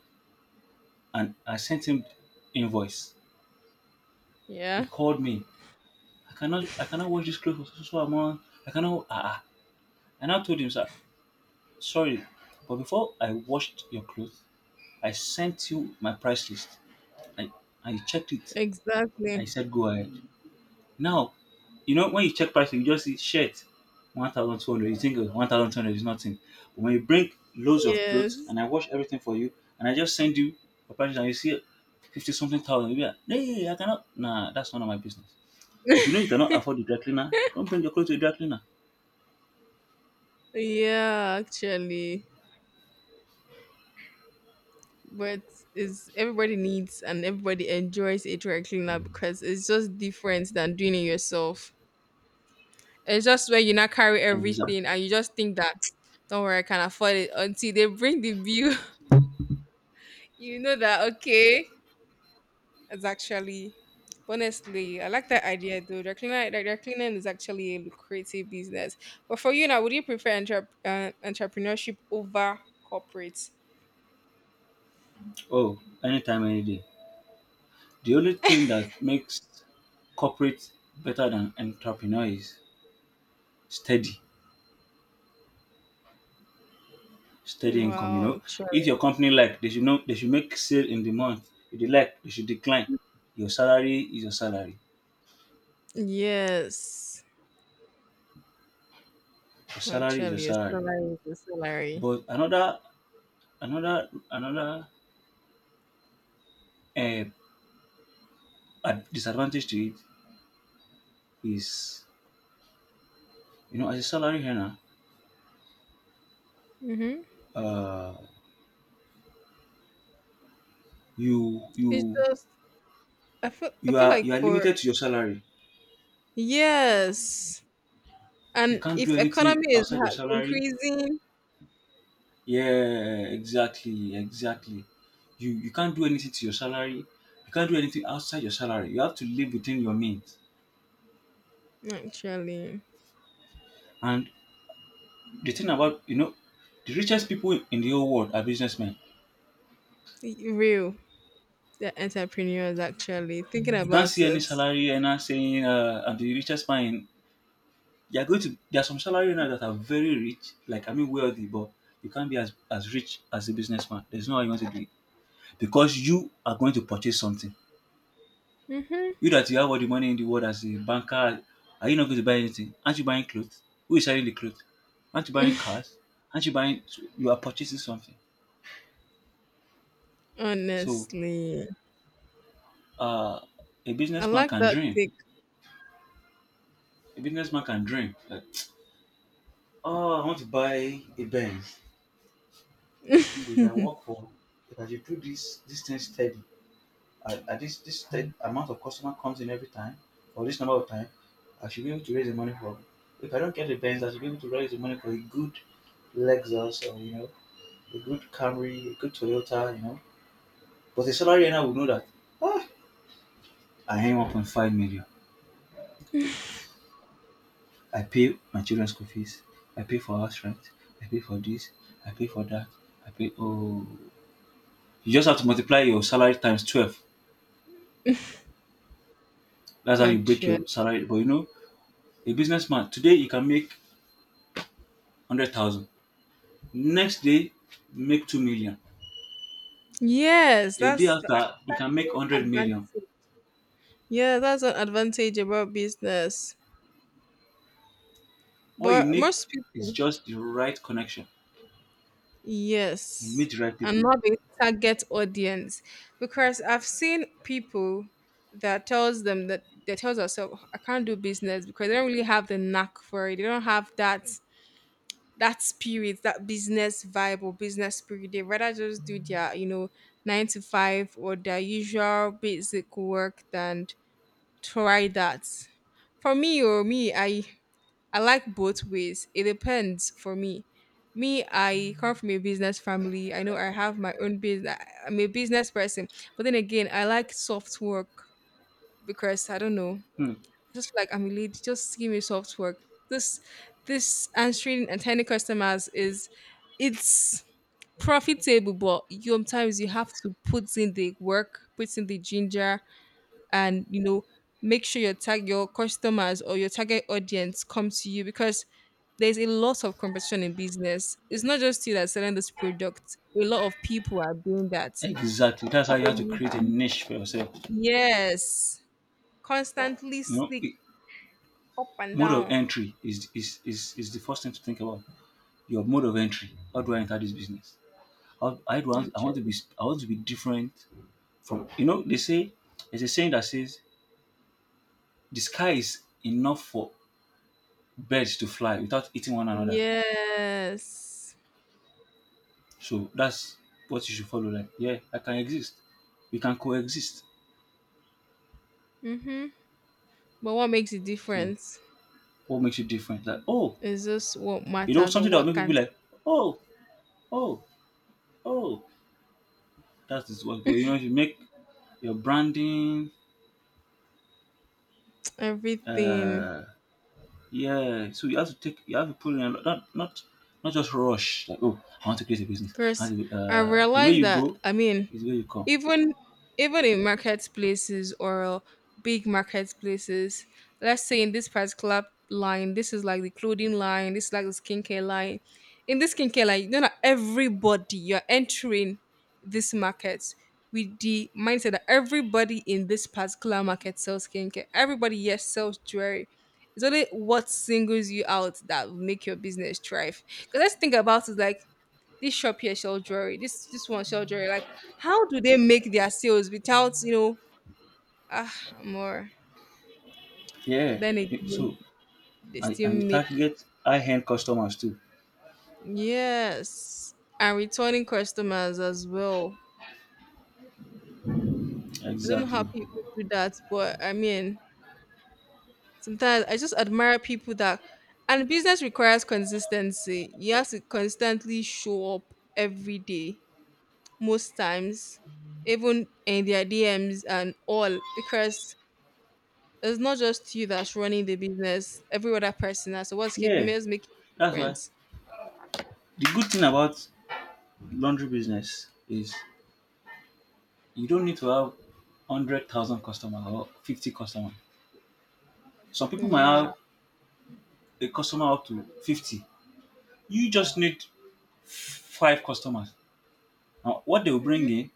I sent him invoice. He Yeah, called me. I cannot wash this clothes for so so so amount. I cannot ah. I now told him, sir, sorry, but before I washed your clothes, I sent you my price list. I I checked it. I exactly. said, go ahead. Now, you know, when you check pricing, you just see shirt 1200, you think 1200 is nothing. But when you bring loads of clothes Yes. and I wash everything for you, and I just send you your prices and you see 50 something thousand, you be like, hey, I cannot. Nah, that's none of my business. If you know you cannot afford the dry cleaner, don't bring your clothes to the dry cleaner. Yeah, actually. But it's everybody needs and everybody enjoys a dry cleaner because it's just different than doing it yourself. It's just where you not carry Exact. everything and you just think that don't worry, I can afford it until they bring the bill. You know that, okay. It's actually, honestly, I like that idea though. Dry cleaner, dry the cleaning is actually a lucrative business. But for you now, would you prefer entrepreneurship over corporate? Oh, anytime, any day. The only thing that makes corporate better than entrepreneur is steady Steady income, you Well, know. If your actually, company, like, they should know they should make sale in the month. If they like, they should decline. Your salary is your salary. yes. Your salary is your Actually, a salary. salary is a salary. But another uh, disadvantage to it is, as a salary earner, Mm-hmm. uh, you It's you just, I feel I you feel are like you are for, limited to your salary. yes, You and can't do if anything economy is outside your salary. increasing, Yeah, exactly, exactly. You can't do anything to your salary. You can't do anything outside your salary. You have to live within your means. actually, And the thing about, the richest people in the whole world are businessmen. Real the entrepreneurs, actually thinking You can't about see any it. salary earner saying, "I'm the richest man." They are going to. There are some salary earners that are very rich, like I mean wealthy, but you can't be as rich as a businessman. There's no how you want to do it, because you are going to purchase something. You that you have all the money in the world as a banker, are you not going to buy anything? Aren't you buying clothes? Who is selling the clothes? Aren't you buying cars? Aren't you buying? You are purchasing something. So, Honestly, uh, a I businessman like can that dream. take, A businessman can dream. Like, oh, I want to buy a Benz. Okay, if I should do this thing steady, at this amount of customer comes in every time, or this number of time, I should be able to raise the money for. If I don't get a Benz, I should be able to raise the money for a good Lexus or a good Camry, a good Toyota, you know. But a salary earner will know that ah, I earn 1.5 million. I pay my children's school fees. I pay for house rent. I pay for this. I pay for that. I pay. Oh, you just have to multiply your salary times 12. That's how you break your actually. salary. But a businessman today you can make 100,000. Next day, make 2 million. Yes, A day that's after, you can make an 100 advantage. million. Yeah, that's an advantage about business. All you But need most is people, just the right connection. You meet yes, the right and people. not the target audience, because I've seen people that tells them that tells us, "Oh, I can't do business because they don't really have the knack for it. They don't have that spirit, that business vibe or business spirit. They rather just do their, you know, nine to five or their usual basic work than try that. For me or me, I like both ways. It depends for me. Me, I come from a business family. I know I have my own business. I'm a business person. But then again, I like soft work because I don't know, Hmm. just feel like I'm a lady. Just give me soft work. This answering and tiny customers is, it's profitable, but sometimes you have to put in the work, put in the ginger, and you know, make sure your tag your customers or your target audience come to you, because there's a lot of competition in business. It's not just you that's selling this product. A lot of people are doing that. So Exactly. That's how you have to you- create a niche for yourself. yes, constantly You know, stick i- up and Mode of down. entry is the first thing to think about. Your mode of entry. How do I enter this business? How I do want I Okay. want to be I want to be different from they say there's a saying that says the sky is enough for birds to fly without eating one another. Yes. So that's what you should follow. Like, yeah, I can exist. We can coexist. Mhm. But what makes a So difference what makes you different? Like, oh, is just what you know, matters or something that will what make people be can like, oh, oh, oh. That's the worst. But you know, if you make your branding, everything. uh, yeah. So you have to take, you have to put in a lot, not just rush. Like, oh, I want to create a business. I Chris, want to, I the way realized you that, go I mean, is where you come. even even in marketplaces or big marketplaces, let's say in this particular line, this is like the clothing line, this is like the skincare line. In this skincare line, you know that everybody you're entering this market with the mindset that everybody in this particular market sells skincare. Everybody yes sells jewelry. It's only what singles you out that will make your business thrive. Because let's think about it like this shop here sell jewelry. This one sell jewelry. Like, how do they make their sales without, you know? Ah, more. But Yeah, then yeah. So again, they and, still and you make, target high end customers too. yes, and returning customers as well. I don't know how Exactly. people do that, but I mean, sometimes I just admire people that. And business requires consistency. You have to constantly show up every day, most times, even in their DMs and all, because it's not just you that's running the business. Every other person has. So what's keeping Yeah. me is making a That's why difference. the good thing about laundry business is you don't need to have 100,000 customers or 50 customers. Some people might Yeah. have a customer up to 50. You just need five customers. Now, what they will bring in,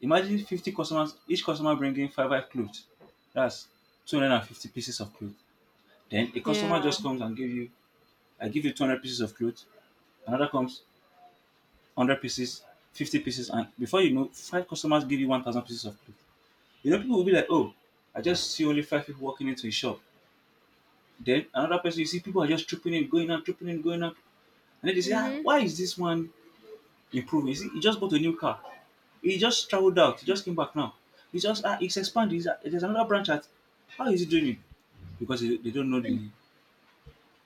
imagine 50 customers, each customer bringing five clothes. That's 250 pieces of clothes. Then a Yeah. customer just comes and give you, I give you 200 pieces of clothes. Another comes 100 pieces, 50 pieces. And before you know, five customers give you 1,000 pieces of clothes. You know, people will be like, oh, I just see only five people walking into a shop. Then another person, you see people are just trooping in, going out, trooping in, going out. And then they say, ah, Mm-hmm. why is this one improve. You see, he just bought a new car. He just traveled out. He just came back now. He just he's expanded. There's another branch at. How is he doing it? Because they don't know the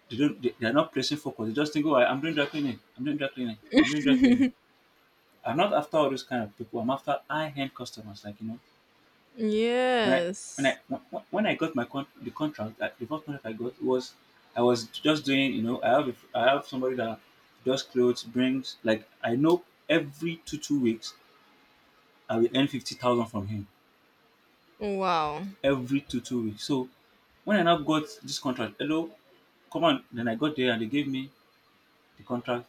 they don't they are not placing focus. They just think, oh, I'm doing dry cleaning. I'm doing dry cleaning. I'm doing dry cleaning. I'm not after all those kind of people. I'm after high end customers. Like, you know, when I when I Yes. when I got the contract, the first contract I got was I was just doing, you know, I have somebody that does clothes brings, like, I know every two weeks I will earn 50,000 from him Wow. every two weeks. So when I now got this contract, hello, come on. Then I got there and they gave me the contract.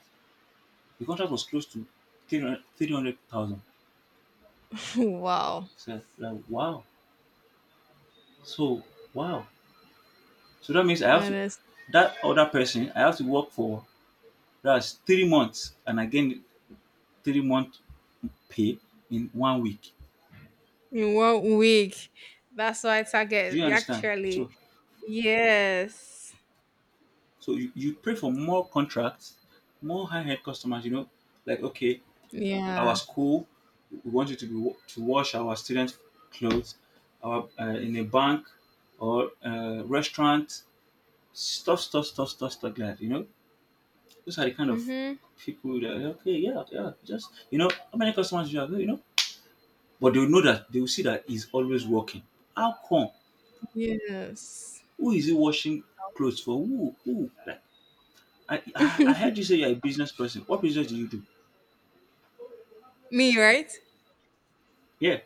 The contract was close to 300,000. Wow. So, like, wow. So, wow. So that means I have That to, is that other person, I have to work for that's 3 months and I gain 3 month pay in one week. in one week. That's why Do target, you understand? actually. So, Yes. so you pray for more contracts, more high end customers, you know, like, okay, our Yeah. school, we want you to be to wash our students' clothes, our in a bank or restaurant, stuff like that. You know, those are the kind of Mm-hmm. people that, okay, yeah, yeah, just, you know, how many customers you have, you know, but they will see that he's always working. How come? Yes. Who is he washing clothes for? Who? Who? Like, I heard you say you're a business person. What business do you do? Me, right? Yeah.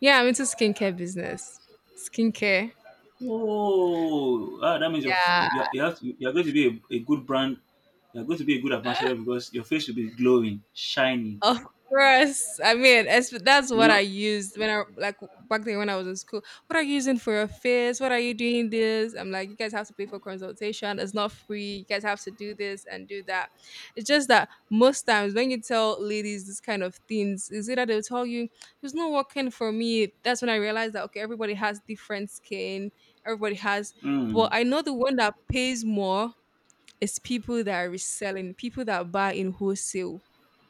Yeah, I'm into skincare business. Skincare. Oh, ah, that means you're, you Yeah. you have to, you're going to be a good brand. You're going to be a good ambassador because your face will be glowing, shining. Of course. I mean, as that's You what know. I used when I like back then when I was in school. What are you using for your face? What are you doing this? I'm like, you guys have to pay for consultation. It's not free. You guys have to do this and do that. It's just that most times when you tell ladies this kind of things, is either they'll tell you it's not working for me. That's when I realized that okay, everybody has different skin. Everybody has, but Mm, I know the one that pays more is people that are reselling, people that buy in wholesale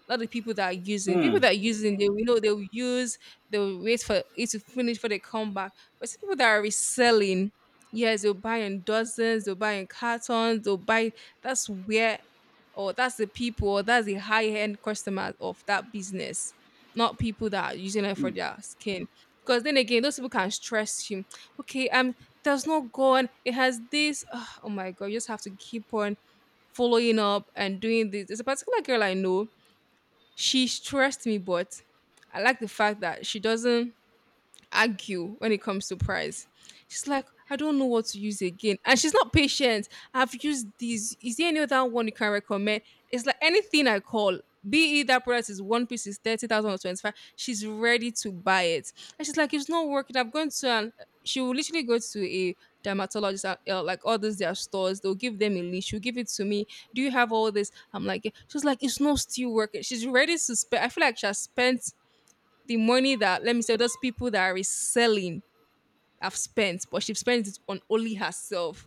not the people that are using. People mm, that are using, they will know they will use, they will wait for it to finish for they come back. But see people that are reselling, yes, they'll buy in dozens, they'll buy in cartons, they'll buy, that's where or that's the people or that's the high end customer of that business, not people that are using it for mm, their skin. Because then again, those people can stress you. Okay, there's no gone. It has this. Ugh, oh my god, you just have to keep on following up and doing this. There's a particular girl I know, she trusts me, but I like the fact that she doesn't argue when it comes to price. She's like, I don't know what to use again. And she's not patient. I've used these. Is there any other one you can recommend? It's like anything I call, be it that product is one piece is 30,000 or 25, she's ready to buy it. And she's like, it's not working. I'm going to, an, she will literally go to a dermatologist, like all those their stores. They'll give them a list. She'll give it to me. Do you have all this? I'm like, yeah. She's like, it's not still working. She's ready to spend. I feel like she has spent the money that, let me say, those people that are reselling have spent, but she spends it on only herself.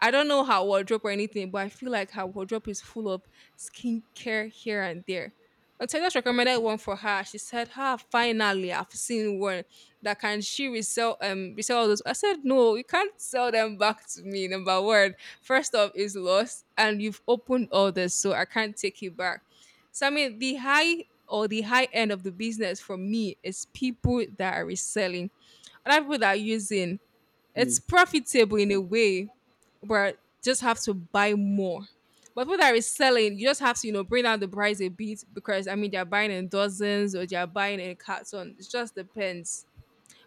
I don't know her wardrobe or anything, but I feel like her wardrobe is full of skincare here and there. Until I just recommended one for her. She said, "Ha, finally, I've seen one that can she resell resell all those." I said, "No, you can't sell them back to me." Number one, first off, is lost, and you've opened others, so I can't take it back. So I mean, the high or the high end of the business for me is people that are reselling, other people that are using. mm. It's profitable in a way but just have to buy more. But people that are selling, you just have to, you know, bring down the price a bit because I mean they're buying in dozens or they're buying in carton. It just depends.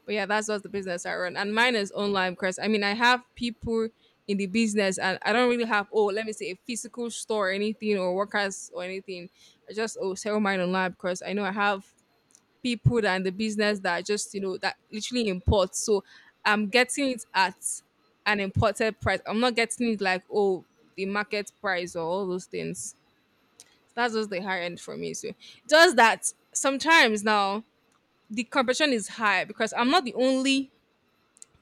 But yeah, that's just the business I run. And mine is online because I mean I have people in the business and I don't really have, let me say, a physical store or anything or workers or anything. I just sell mine online because I know I have people and the business that just, you know, that literally import, so I'm getting it at an imported price. I'm not getting it like, the market price or all those things. That's just the high end for me. So just that sometimes now the competition is high because I'm not the only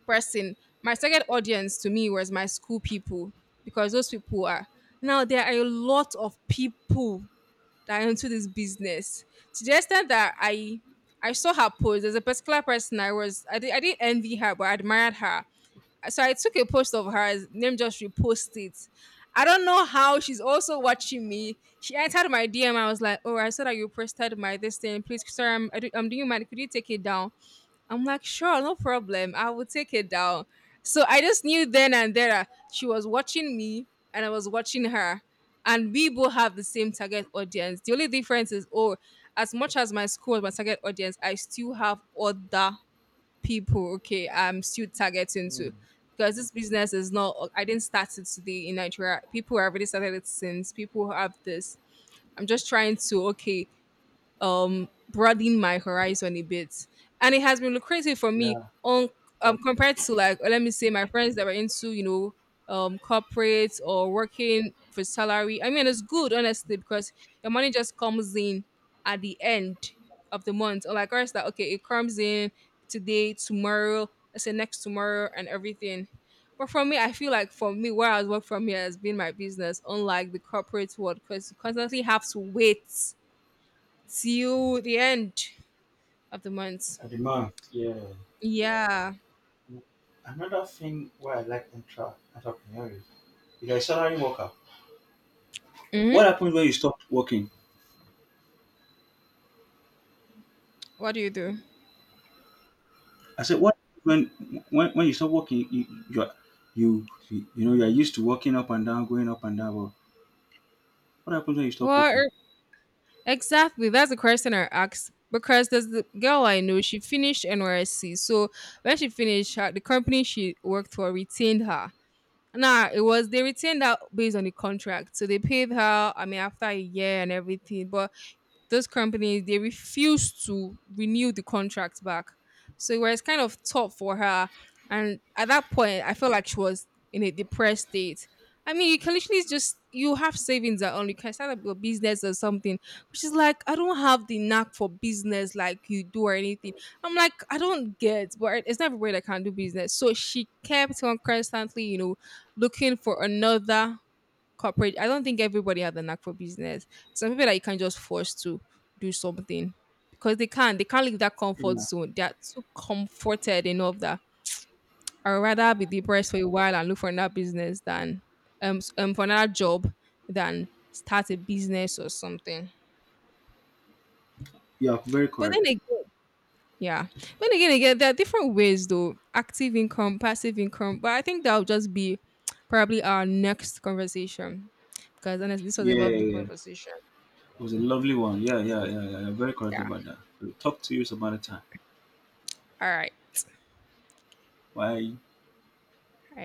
person. My second audience to me was my school people because those people are, now there are a lot of people that I'm into this business. To the extent that I saw her post. There's a particular person I didn't envy her, but I admired her. So I took a post of hers, name just reposted it. I don't know how she's also watching me. She entered my DM. I was like, "Oh, I saw that you posted my this thing. Please, sorry, I'm, I do, I'm doing my. Could you take it down?" I'm like, sure, no problem. I will take it down. So I just knew then and there that she was watching me and I was watching her. And we both have the same target audience. The only difference is, oh, as much as my school was my target audience, I still have other people, okay, I'm still targeting to. Because this business is not, I didn't start it today in Nigeria. People have already started it since. People have this. I'm just trying to, okay, broaden my horizon a bit, and it has been lucrative for me on, compared to like, let me say, my friends that were into, you know, corporates or working for salary. I mean, it's good honestly because your money just comes in at the end of the month or like ours that, okay, it comes in today, tomorrow, let's say next tomorrow and everything. But for me, I feel like for me, where I was work from here has been my business, unlike the corporate world, because you constantly have to wait. See you the end of the month. A demand, yeah. Yeah. Another thing why I like intra entrepreneur is you're a salary worker. Hmm. What happens when you stop working? What do you do? I said, what when when you stop working, you know you are used to walking up and down, going up and down. But what happens when you stop Well, working? Exactly. That's the question I asked because there's the girl I know. She finished NYC, so when she finished, her, the company she worked for retained her. Nah, it was they retained her based on the contract, so they paid her. I mean, after a year and everything, but those companies they refused to renew the contract back. So it was kind of tough for her. And at that point, I felt like she was in a depressed state. I mean, you can literally just you have savings at all. You can start up your business or something. Which is like, I don't have the knack for business like you do or anything. I'm like, I don't get, but it's not everybody that can do business. So she kept on constantly, you know, looking for another corporate. I don't think everybody has the knack for business. Some people that you can't just force to do something because they can't leave that comfort Yeah. zone. They're too comforted enough that I'd rather be depressed for a while and look for another business than for another job, than start a business or something. You are very But then correct. again, yeah. But then again, there are different ways though, active income, passive income, but I think that'll just be probably our next conversation because honestly this was a Yeah, lovely yeah, yeah. conversation. It was a lovely one. Yeah, yeah, So yeah, yeah. You're very correct yeah, about that. We'll talk to you some other time. all right. Bye.